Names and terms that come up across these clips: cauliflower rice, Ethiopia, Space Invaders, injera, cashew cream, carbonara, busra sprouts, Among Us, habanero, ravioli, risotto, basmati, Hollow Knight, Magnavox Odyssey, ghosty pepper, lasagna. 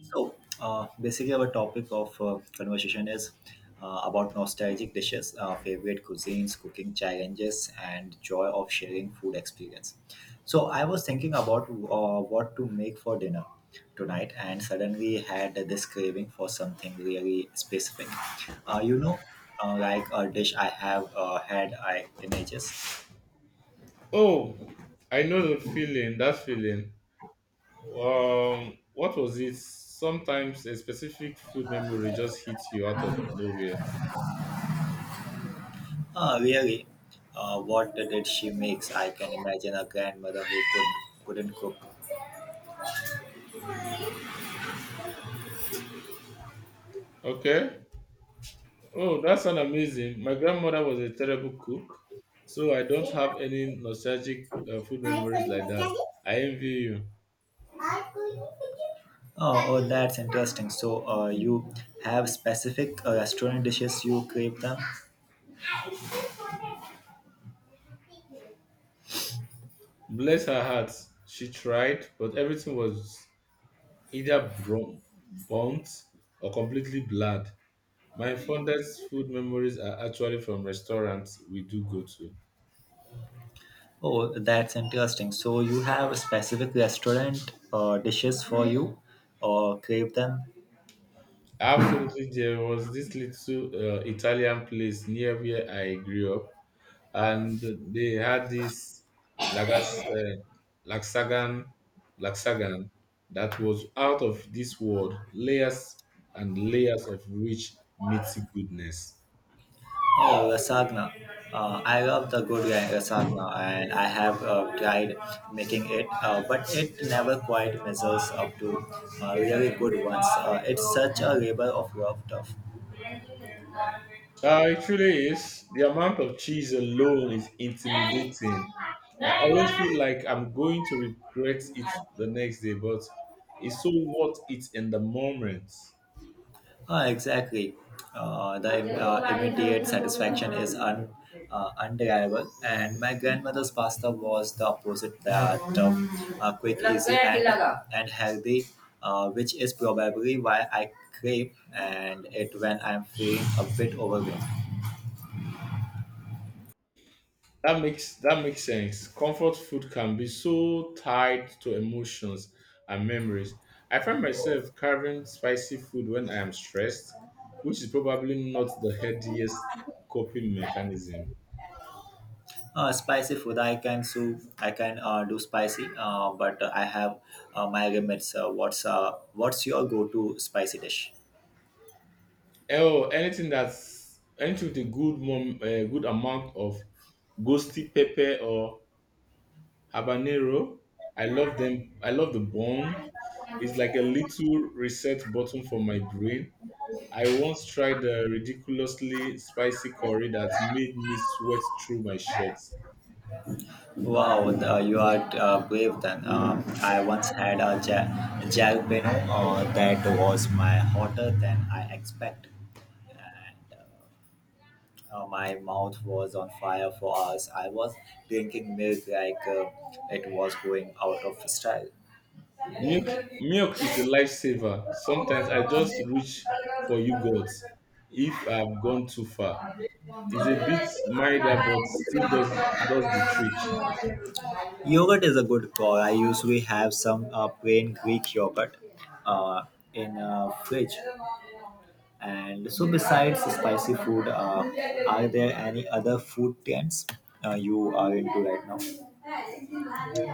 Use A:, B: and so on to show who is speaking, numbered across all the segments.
A: So, basically, our topic of conversation is about nostalgic dishes, favorite cuisines, cooking challenges, and joy of sharing food experience. So, I was thinking about what to make for dinner tonight, and suddenly had this craving for something really specific. Uh, you know, like a dish I have had I, in ages.
B: Oh, I know the feeling, that feeling. What was it? Sometimes a specific food memory just hits you out of nowhere.
A: Really, what did she makes? I can imagine a grandmother who couldn't cook.
B: Okay. Oh, that sounds amazing. My grandmother was a terrible cook, so I don't have any nostalgic food memories like that. I envy you.
A: Oh, that's interesting. So, you have specific restaurant dishes you crave them?
B: Bless her heart. She tried, but everything was either burnt or completely blurred. My fondest food memories are actually from restaurants we do go to.
A: Oh, that's interesting. So, you have specific restaurant dishes for you or crave them?
B: Absolutely, there was this little Italian place near where I grew up, and they had this lagas, uh, laxagan, laxagan that was out of this world, layers and layers of rich meaty goodness.
A: Oh, lasagna. I love the good lasagna, and I have tried making it, but it never quite measures up to really good ones. It's such a labor of love, tough.
B: It truly is. The amount of cheese alone is intimidating. I always feel like I'm going to regret it the next day, but it's so worth it in the moment.
A: Ah, exactly. The immediate satisfaction is undeniable, and my grandmother's pasta was the opposite that quick, easy, and healthy, which is probably why I crave and it when I'm feeling a bit overwhelmed.
B: That makes sense. Comfort food can be so tied to emotions and memories. I find myself carving spicy food when I am stressed, which is probably not the healthiest coping mechanism.
A: Spicy food I can do. I can do spicy, but I have my limits. What's your go-to spicy dish?
B: Oh, anything that's anything with a good mom, a good amount of ghosty pepper or habanero. I love them. I love the bun. It's like a little reset button for my brain. I once tried a ridiculously spicy curry that made me sweat through my shirt.
A: Wow, the, you are brave then. I once had a jalapeno that was my hotter than I expect. My mouth was on fire for hours. I was drinking milk like it was going out of style.
B: Milk, milk is a lifesaver. Sometimes I just reach for yogurt if I've gone too far. It's a bit milder, but still does the trick.
A: Yogurt is a good call. I usually have some plain Greek yogurt uh, in fridge. And so, besides spicy food, are there any other food trends you are into right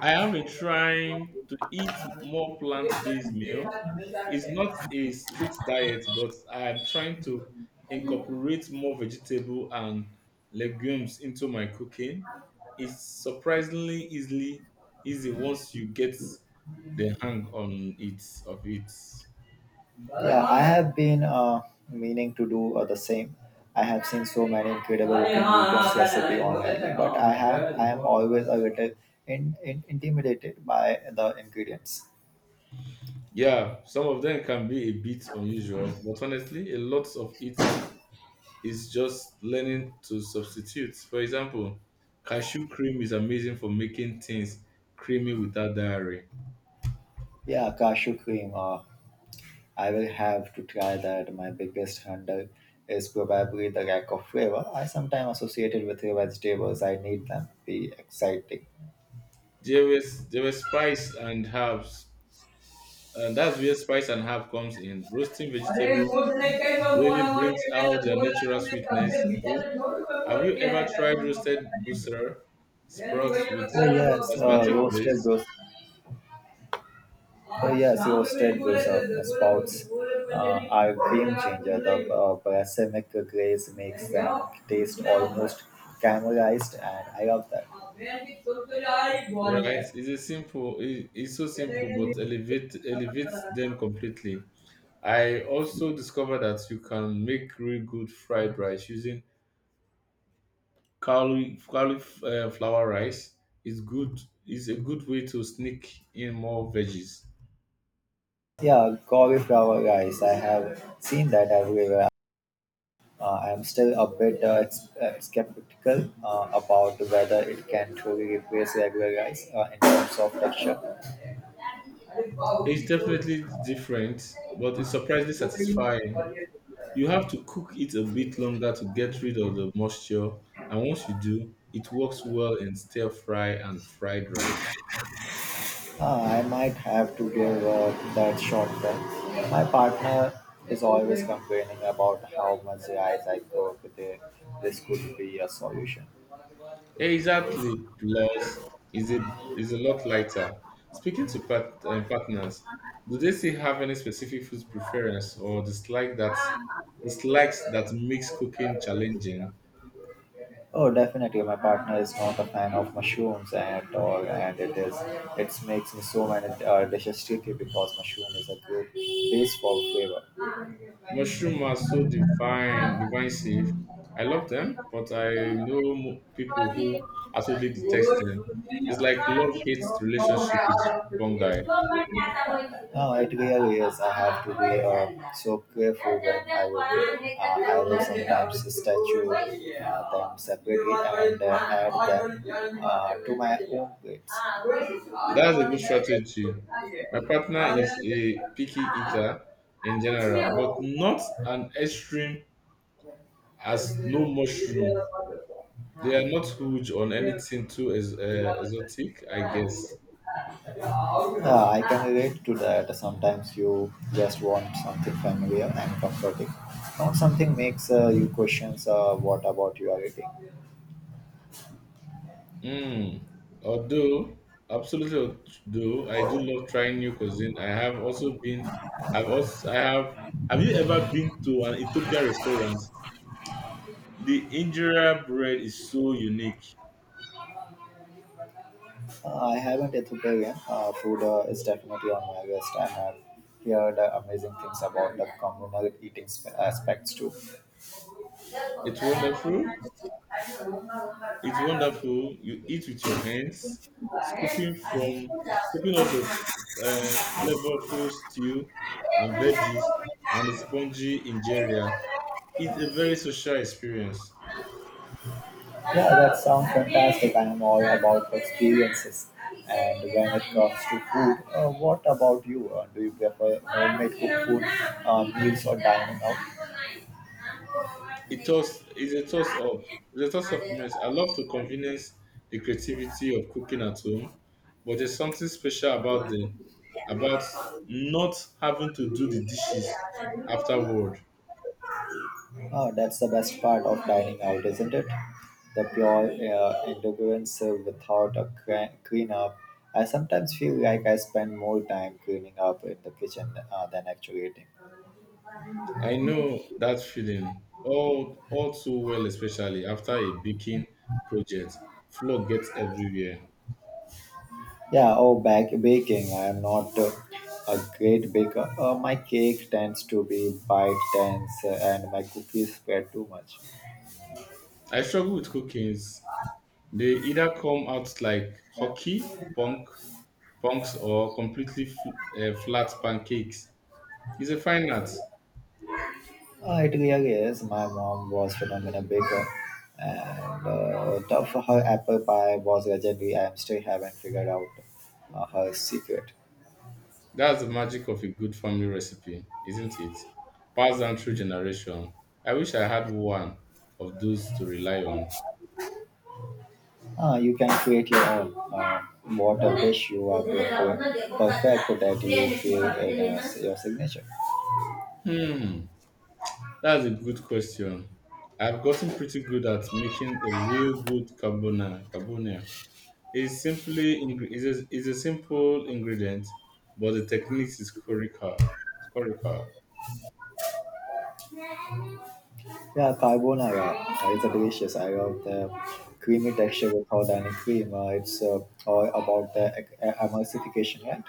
B: I have been trying to eat more plant-based meal. It's not
A: now?
B: a strict diet, but I'm trying to incorporate more vegetable and legumes into my cooking. It's surprisingly easily easy once you get the hang on it of it.
A: Yeah, I have been meaning to do the same. I have seen so many incredible cooking weekends recipe online, but I am always a little intimidated by the ingredients.
B: Yeah, some of them can be a bit unusual, but honestly, a lot of it it's just learning to substitute. For example, cashew cream is amazing for making things creamy without dairy.
A: Yeah, cashew cream. I will have to try that. My biggest hurdle is probably the lack of flavor. I sometimes associated with the vegetables. I need them to be exciting.
B: There were spice and herbs, and that's where spice and herb comes in. Roasting
A: अरे
B: vegetable
A: मोर नहीं कहीं पर मोरा
B: really brings
A: मोरी में
B: out
A: मैं
B: their
A: बोल रहा
B: natural
A: था मैं सबसे
B: sweetness
A: विचार
B: too.
A: से छोड़ के
B: Have
A: बोल
B: you
A: के है
B: ever
A: का
B: tried
A: तुम वो
B: roasted busra
A: वही तो
B: sprouts
A: Oh
B: with
A: कर रहा yes, हो।
B: basmati
A: Roasted
B: grace?
A: goose. Oh yes, roasted goose थे बोले uh, are a game changer. The balsamic glaze makes them taste almost caramelized, and I love that. मैं भी सुन तो
B: Right, it's so simple, but elevates them completely. I also discovered that you can make really good fried rice using cauliflower rice. It's good. It's a good way to sneak in more veggies.
A: Yeah, cauliflower rice. I have seen that everywhere. I am still a bit skeptical about whether it can truly replace regular rice in terms of texture. Uh,
B: It's definitely different, but it's surprisingly satisfying. You have to cook it a bit longer to get rid of the moisture, and once you do, it works well in stir fry and fried rice.
A: I might have to give that shot then. My partner is always complaining about how much rice I cook. There, this could be a solution.
B: Exactly. Plus, is a lot lighter. Speaking to partners, do they still have any specific food preference or dislike that dislikes that makes cooking challenging?
A: Oh, definitely. My partner is not a fan of mushrooms at all, and it makes me so many dishes tricky because mushroom is a good base for
B: Mushroom are so
A: flavor.
B: divisive. I love them, but I know people who absolutely detest them. It's like love hate relationship with
A: Government
B: fungi.
A: now it really is. I have to be so careful when I will. I will sometimes statue them separately and add them to my own plates.
B: That's a good strategy. My partner is a picky eater in general, but not an extreme as no mushroom. They are not huge on anything too exotic, I guess.
A: Yeah, I can relate to that. Sometimes you just want something familiar and comforting, not something makes you questions what about you are eating.
B: Mm. Although, absolutely, though I do love trying new cuisine. I have also been. I've also. I have. Have you ever been to an Ethiopia restaurant? The injera bread is so unique.
A: I haven't Ethiopian food is definitely on my list, and I've heard amazing things about the communal eating aspects too.
B: It's wonderful. It's wonderful. You eat with your hands, scooping up the flavorful stew and veggies and the spongy injera. It's a very social experience.
A: Yeah, that sounds fantastic. I am all about experiences. And when it comes to food, what about you? Do you prefer homemade cooked food, meals, or dining out?
B: It toss is a toss up. It's a toss up mess. I love to convenience the creativity of cooking at home, but there's something special about the about not having to do the dishes afterward.
A: Oh, that's the best part of dining out, isn't it? The pure endurance without a clean up. I sometimes feel like I spend more time cleaning up in the kitchen than actually eating.
B: I know that feeling all too well, especially after a baking project. Flour gets everywhere.
A: Yeah, oh, back baking. I am not a great baker. My cake tends to be bite tense and my cookies spread too much.
B: I struggle with cookings. They either come out like hockey punks or completely flat pancakes. It's a fine art.
A: It really is. My mom was phenomenal baker, and tough her apple pie was legendary. I am still haven't figured out her secret.
B: That's the magic of a good family recipe, isn't it? Passed down through generation. I wish I had one of those to rely on.
A: You can create your own. What dish you are perfect that you feel it as your signature.
B: Hmm. That's a good question. I've gotten pretty good at making a real good Carbona It's simply ing- it's a, is a simple ingredient, but the technique is critical. It's critical.
A: Yeah, carbonara is a delicious. I love the creamy texture without any cream. It's all about the emulsification, right?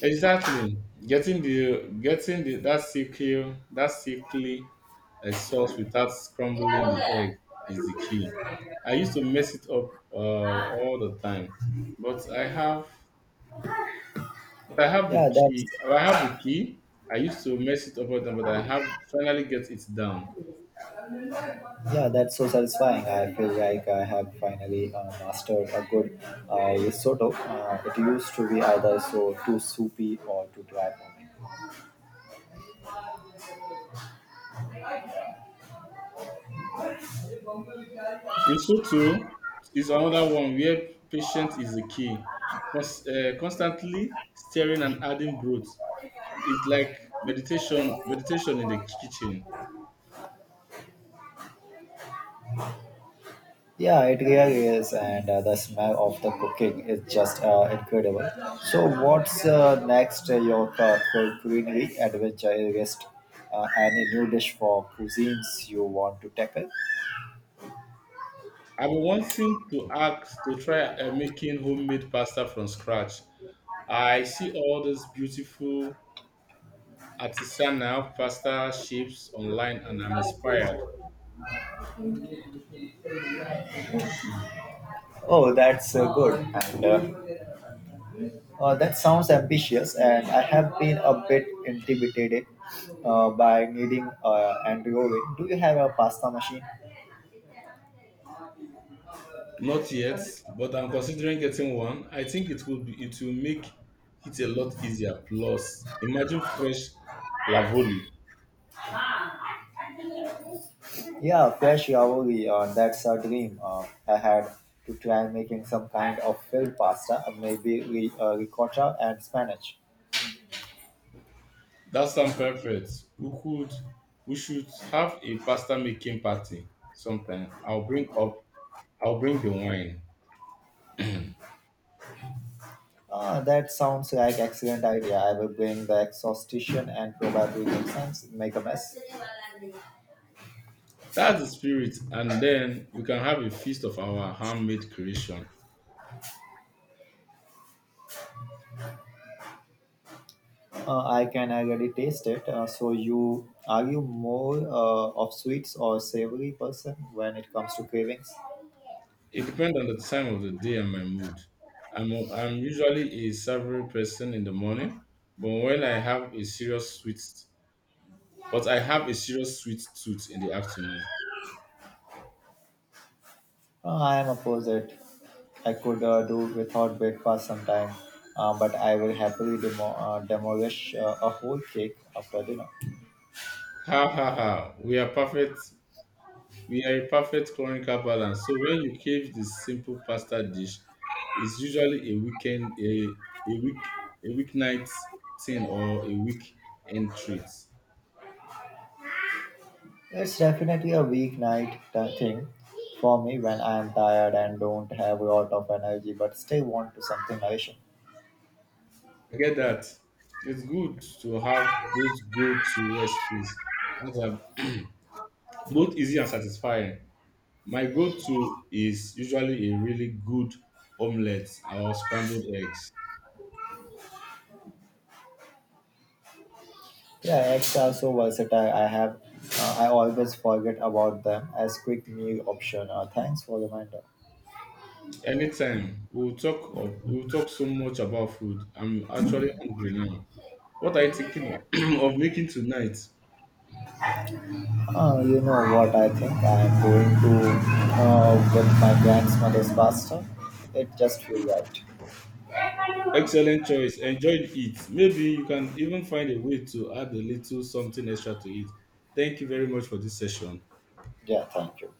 B: Exactly. Getting the that silky sauce without scrambling the egg is the key. I used to mess it up all the time, but I have But I have the
A: Yeah, that's
B: key. I have the key. I used to mess it up all the time, but I have finally get it down.
A: Yeah, that's so satisfying. I feel like I have finally mastered a good risotto. It used to be either so too soupy or too dry for me.
B: Risotto is another one where patience is the key. Constantly stirring and adding broth is like Meditation in the kitchen.
A: Yeah, it really is, and the smell of the cooking is just incredible. So, what's next? Your culinary adventure list? Any new dish for cuisines you want to tackle?
B: I've been wanting to ask to try making homemade pasta from scratch. I see all those beautiful artisanal pasta shapes online, and I'm inspired.
A: Oh, that's good. And that sounds ambitious, and I have been a bit intimidated by needing an oven. Do you have a pasta machine?
B: Not yet, but I'm considering getting one. I think it will make it a lot easier. Plus, imagine fresh lavoli.
A: Yeah, fresh yaouri. That's a dream. I had to try making some kind of filled pasta, maybe ricotta and spinach.
B: That sounds perfect. We could we should have a pasta making party sometime. I'll bring the wine.
A: Ah, that sounds like excellent idea. I will bring the exhaustion and probably make sense, make a mess.
B: That's the spirit, and then we can have a feast of our handmade creation.
A: I can already taste it. So you more of sweets or savory person when it comes to cravings?
B: It depends on the time of the day and my mood. I'm usually a savory person in the morning, but when I have a serious sweet but I have a serious sweet tooth in the afternoon.
A: I am opposite. I could do without breakfast sometime, but I will happily demolish a whole cake after dinner.
B: Ha ha ha. We are a perfect chronical balance. So when you crave this simple pasta dish, it's usually a weekend, a week, a weeknight thing or a weekend treat.
A: It's definitely a weeknight thing for me when I'm tired and don't have a lot of energy but still want to something nourishing.
B: I get that. It's good to have those go-to recipes that are both easy and satisfying. My go-to is usually a really good omelette or scrambled eggs.
A: Yeah, eggs are so versatile. I always forget about them as quick meal option. Thanks for reminder.
B: Anytime. We'll talk so much about food. I'm actually hungry now. What are you thinking of making tonight?
A: You know what, I think I'm going to with my grandmother's pasta. It just feel right.
B: Excellent choice. Enjoy it. Maybe you can even find a way to add a little something extra to it. Thank you very much for this session.
A: Yeah, thank you.